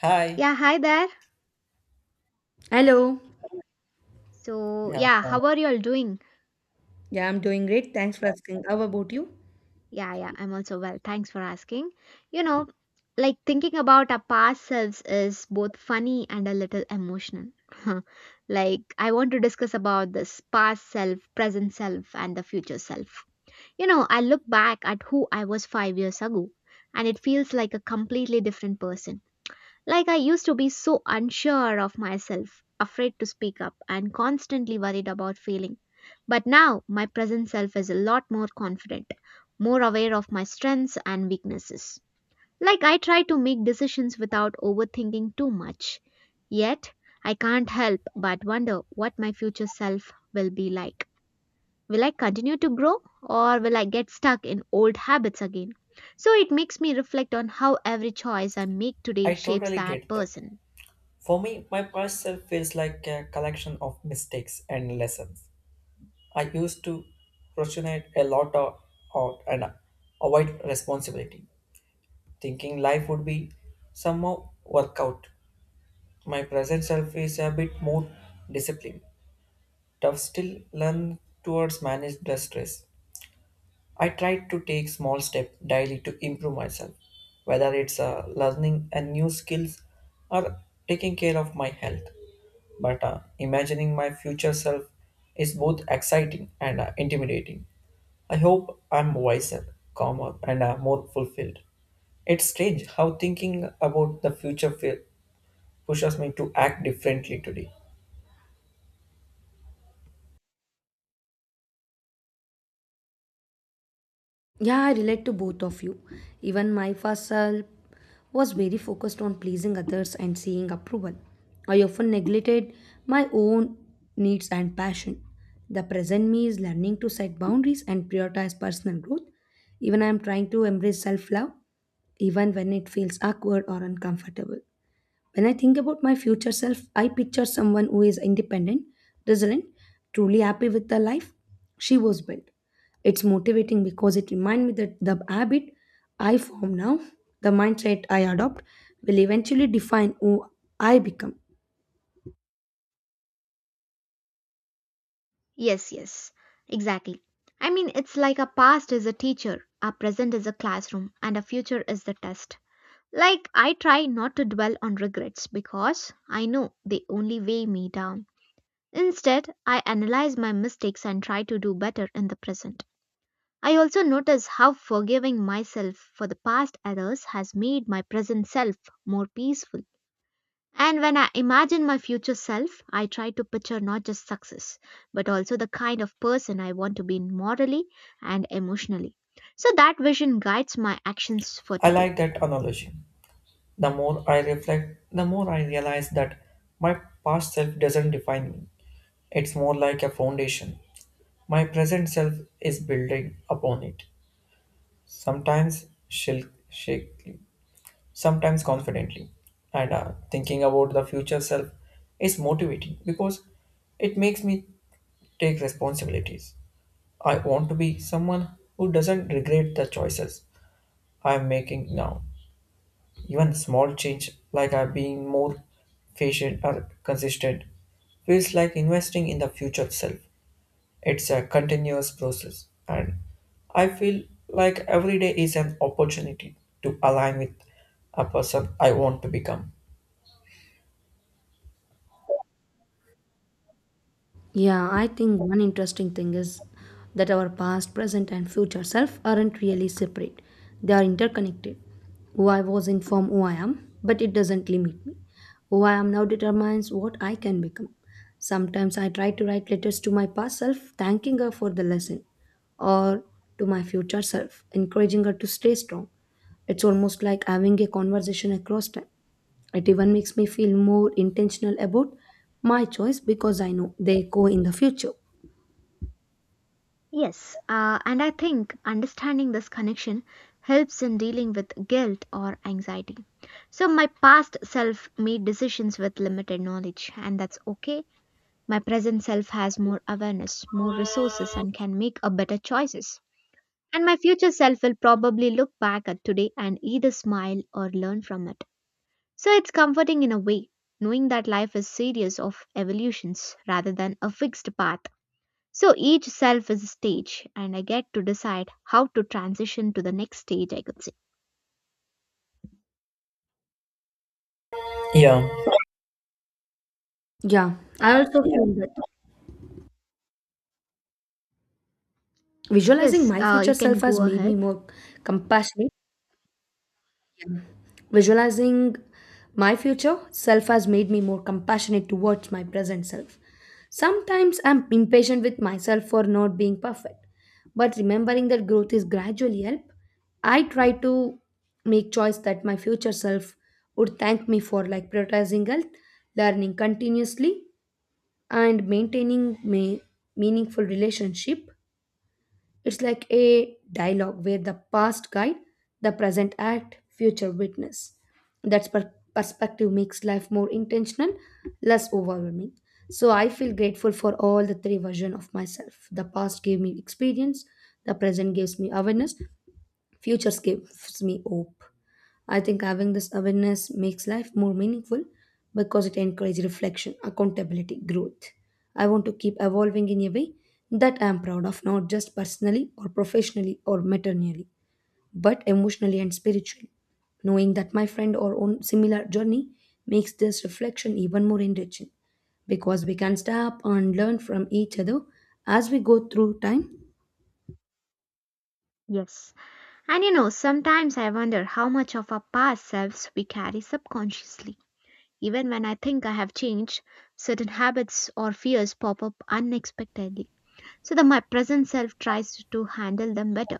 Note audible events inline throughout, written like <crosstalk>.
Hi. Yeah, hi there. Hello. So, Yeah, yeah, fine. how are you all doing? Yeah, I'm doing great. Thanks for asking. How about you? Yeah, I'm also well. Thanks for asking. You know, like thinking about our past selves is both funny and a little emotional. <laughs> Like, I want to discuss about this past self, present self, and the future self. You know, I look back at who I was 5 years ago, and it feels like a completely different person. Like I used to be so unsure of myself, afraid to speak up, and constantly worried about failing. But now my present self is a lot more confident, more aware of my strengths and weaknesses. Like I try to make decisions without overthinking too much. Yet, I can't help but wonder what my future self will be like. Will I continue to grow or will I get stuck in old habits again? So it makes me reflect on how every choice I make today I shapes totally that get that. person. For me, my past self feels like a collection of mistakes and lessons. I used to procrastinate a lot of, out and avoid responsibility, thinking life would be somehow work out. My present self is a bit more disciplined, tough still learn towards manage the stress. I try to take small steps daily to improve myself, whether it's learning a new skills or taking care of my health. But imagining my future self is both exciting and intimidating. I hope I'm wiser, calmer, and more fulfilled. It's strange how thinking about the future pushes me to act differently today. Yeah, I relate to both of you. Even my first self was very focused on pleasing others and seeing approval. I often neglected my own needs and passion. The present me is learning to set boundaries and prioritize personal growth. Even I am trying to embrace self love, even when it feels awkward or uncomfortable. When I think about my future self, I picture someone who is independent, resilient, truly happy with the life she was built. It's motivating because it reminds me that the habit I form now, the mindset I adopt, will eventually define who I become. Yes, exactly. I mean, it's like our past is a teacher, our present is a classroom, and our future is the test. Like, I try not to dwell on regrets because I know they only weigh me down. Instead, I analyze my mistakes and try to do better in the present. I also notice how forgiving myself for the past errors has made my present self more peaceful. And when I imagine my future self, I try to picture not just success, but also the kind of person I want to be morally and emotionally. So that vision guides my actions for I today. like that analogy. The more I reflect, the more I realize that my past self doesn't define me. It's more like a foundation. My present self is building upon it. Sometimes shakily, sometimes confidently. And thinking about the future self is motivating because it makes me take responsibilities. I want to be someone who doesn't regret the choices I am making now. Even small change, like I being more patient or consistent, feels like investing in the future self. It's a continuous process, and I feel like every day is an opportunity to align with a person I want to become. Yeah, I think one interesting thing is that our past, present, and future self aren't really separate. They are interconnected. Who I was informed who I am, but it doesn't limit me. Who I am now determines what I can become. Sometimes I try to write letters to my past self, thanking her for the lesson, or to my future self, encouraging her to stay strong. It's almost like having a conversation across time. It even makes me feel more intentional about my choice because I know they go in the future. Yes, and I think understanding this connection helps in dealing with guilt or anxiety. So my past self made decisions with limited knowledge, and that's okay. My present self has more awareness, more resources, and can make a better choices. And my future self will probably look back at today and either smile or learn from it. So it's comforting in a way, knowing that life is series of evolutions rather than a fixed path. So each self is a stage, and I get to decide how to transition to the next stage, I could say. Yeah, Yeah, I also feel that visualizing Yes, my future you can self has go made me ahead. more compassionate Visualizing my future self has made me more compassionate towards my present self. Sometimes I'm impatient with myself for not being perfect, but remembering that growth is gradually help, I try to make choice that my future self would thank me for like prioritizing health, learning continuously and maintaining me meaningful relationship it's like a dialogue where the past guide, the present act, future witness. Perspective makes life more intentional, less overwhelming. So I feel grateful for all the three versions of myself. The past gave me experience, the present gives me awareness, future gives me hope. I think having this awareness makes life more meaningful because it encourages reflection, accountability, growth. I want to keep evolving in a way that I'm proud of, not just personally or professionally or maternally, but emotionally and spiritually. Knowing that my friend or on similar journey makes this reflection even more enriching because we can stop and learn from each other as we go through time. Yes. And you know, sometimes I wonder how much of our past selves we carry subconsciously. Even when I think I have changed, certain habits or fears pop up unexpectedly. So the my present self tries to handle them better,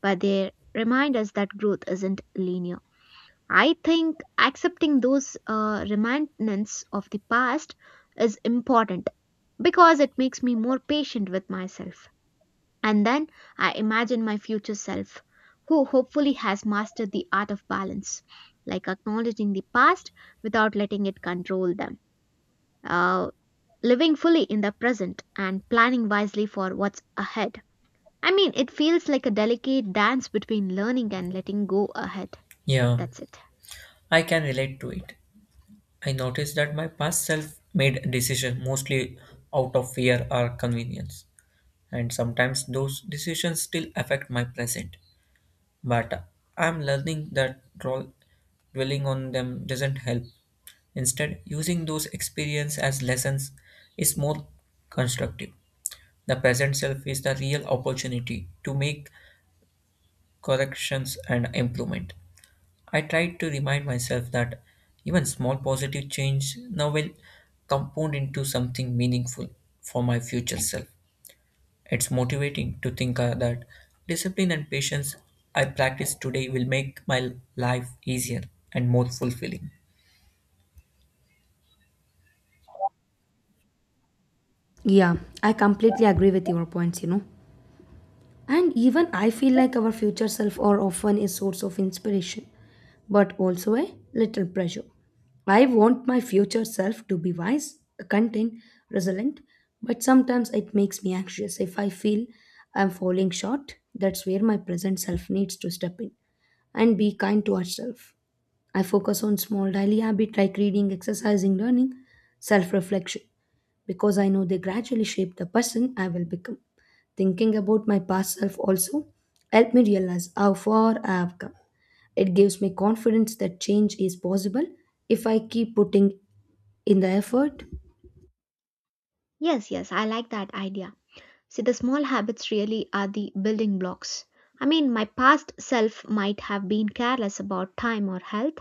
but they remind us that growth isn't linear. I think accepting those remnants of the past is important because it makes me more patient with myself. And then I imagine my future self, who hopefully has mastered the art of balance, like acknowledging the past without letting it control them, uh, living fully in the present and planning wisely for what's ahead. I mean, it feels like a delicate dance between learning and letting go ahead. yeah, That's it. I can relate to it. I noticed that my past self made decisions mostly out of fear or convenience, and sometimes those decisions still affect my present. But I'm learning that dwelling on them doesn't help. Instead, using those experiences as lessons is more constructive. The present self is the real opportunity to make corrections and improvement. I try to remind myself that even small positive change now will compound into something meaningful for my future self. It's motivating to think that discipline and patience I practice today will make my life easier and more fulfilling. Yeah, I completely agree with your points, you know. And even I feel like our future self are often a source of inspiration, but also a little pressure. I want my future self to be wise, content, resilient, but sometimes it makes me anxious if I feel I'm falling short. That's where my present self needs to step in and be kind to herself. I focus on small daily habits like reading, exercising, learning, self reflection, because I know they gradually shape the person I will become. Thinking about my past self also helped me realize how far I have come. It gives me confidence that change is possible if I keep putting in the effort. Yes, I like that idea. See, the small habits really are the building blocks. I mean, my past self might have been careless about time or health,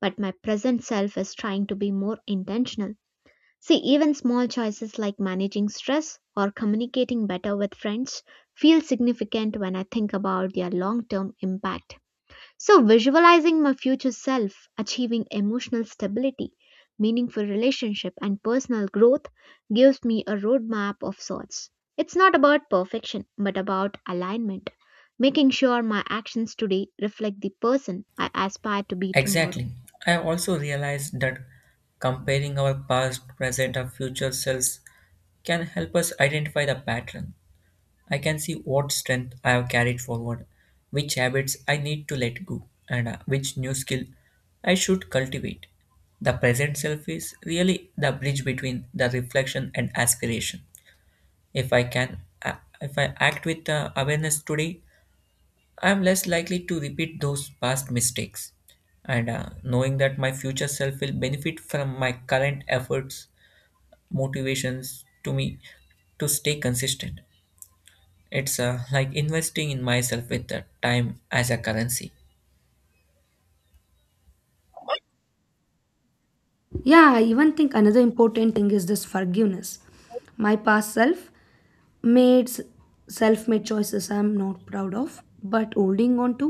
but my present self is trying to be more intentional. See, even small choices like managing stress or communicating better with friends feel significant when I think about their long term impact. So, visualizing my future self achieving emotional stability, meaningful relationship, and personal growth gives me a roadmap of sorts. It's not about perfection, but about alignment, making sure my actions today reflect the person I aspire to be tomorrow. Exactly. I also realized that comparing our past, present, and future selves can help us identify the pattern. I can see what strength I have carried forward, which habits I need to let go, and which new skill I should cultivate. The present self is really the bridge between the reflection and aspiration. If I can, uh, if I act with awareness today, I'm less likely to repeat those past mistakes. And knowing that my future self will benefit from my current efforts, motivations to me to stay consistent. It's like investing in myself with the time as a currency. Yeah, I even think another important thing is this forgiveness. My past self made s- self-made choices, I'm not proud of, but holding on to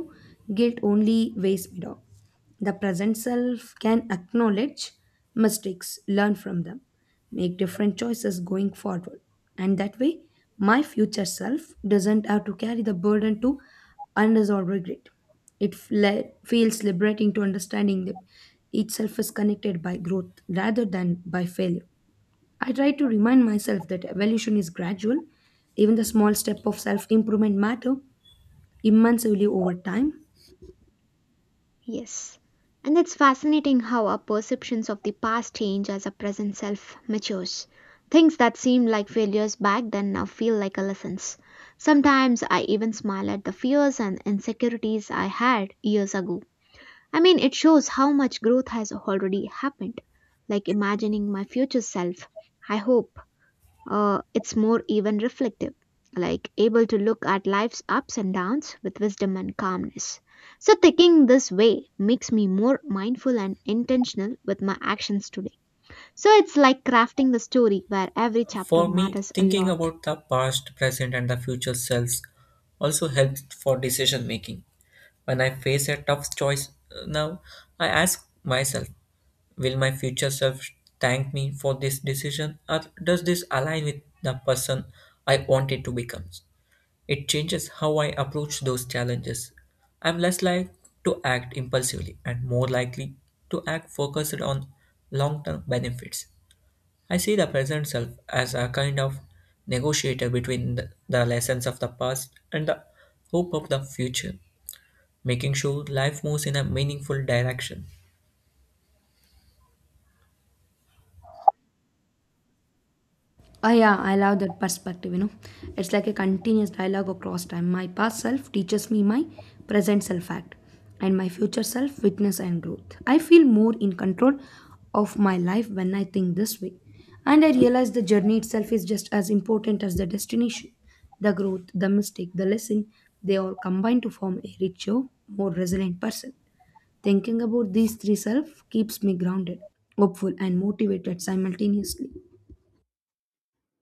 guilt only weighs me down. The present self can acknowledge mistakes, learn from them, make different choices going forward, and that way my future self doesn't have to carry the burden to unresolved regret. It feels liberating to understanding that each self is connected by growth rather than by failure. I try to remind myself that evolution is gradual. Even the small step of self improvement matter immensely over time. Yes. And it's fascinating how our perceptions of the past change as our present self matures. Things that seemed like failures back then now feel like a lessons. Sometimes I even smile at the fears and insecurities I had years ago. I mean, it shows how much growth has already happened, like imagining my future self. I hope it's more even reflective, like able to look at life's ups and downs with wisdom and calmness. So, thinking this way makes me more mindful and intentional with my actions today. So, it's like crafting a story where every chapter For me, matters a thinking lot. about the past, present, and the future selves also helps for decision making. When I face a tough choice now, I ask myself, will my future self thank me for this decision or does this align with the person I wanted to become? It changes how I approach those challenges. I'm less likely to act impulsively and more likely to act focused on long term benefits. I see the present self as a kind of negotiator between the lessons of the past and the hope of the future, making sure life moves in a meaningful direction. Ah, yeah, I love that perspective, you know. It's like a continuous dialogue across time. My past self teaches me, my present self act, and my future self witness and growth. I feel more in control of my life when I think this way. And I realize the journey itself is just as important as the destination. The growth, the mistake, the lesson, they all combine to form a richer, more resilient person. Thinking about these three self keeps me grounded, hopeful, and motivated simultaneously.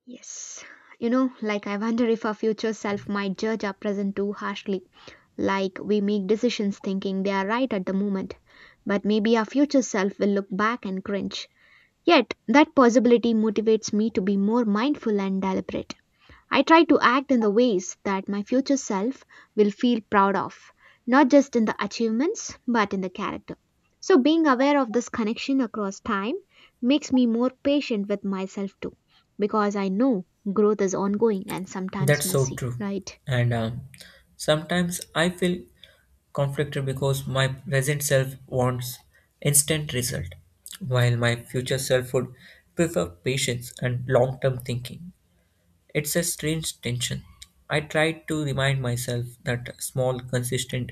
Yes. You know, like I wonder if our future self might judge our present too harshly. Like we make decisions thinking they are right at the moment, but maybe our future self will look back and cringe. Yet, that possibility motivates me to be more mindful and deliberate. I try to act in the ways that my future self will feel proud of, not just in the achievements, but in the character. So, being aware of this connection across time makes me more patient with myself too, because I know growth is ongoing and sometimes That's so messy, true. right? And sometimes I feel conflicted because my present self wants instant result, while my future self would prefer patience and long term thinking. It's a strange tension. I try to remind myself that small, consistent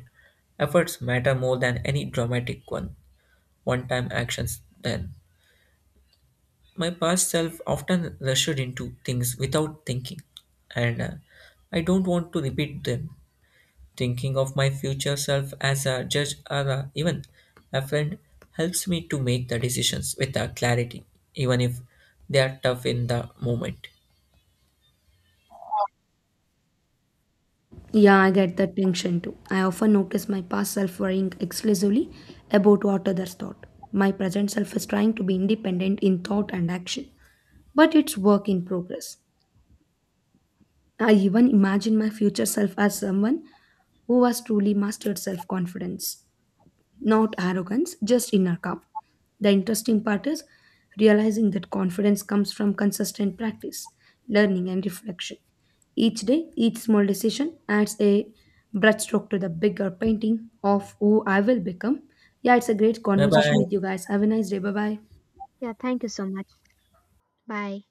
efforts matter more than any dramatic one time actions. Then, my past self often rushed into things without thinking, and I don't want to repeat them. Thinking of my future self as a judge or even a friend helps me to make the decisions with clarity, even if they are tough in the moment. Yeah, I get that tension too. I often notice my past self worrying exclusively about what others thought. My present self is trying to be independent in thought and action, but it's work in progress. I even imagine my future self as someone who has truly mastered self confidence, not arrogance, just inner calm. The interesting part is realizing that confidence comes from consistent practice, learning, and reflection. Each day, each small decision adds a brushstroke to the bigger painting of who I will become. Yeah, it's a great Bye conversation bye. with you guys. Have a nice day. Bye bye. Yeah, thank you so much. Bye.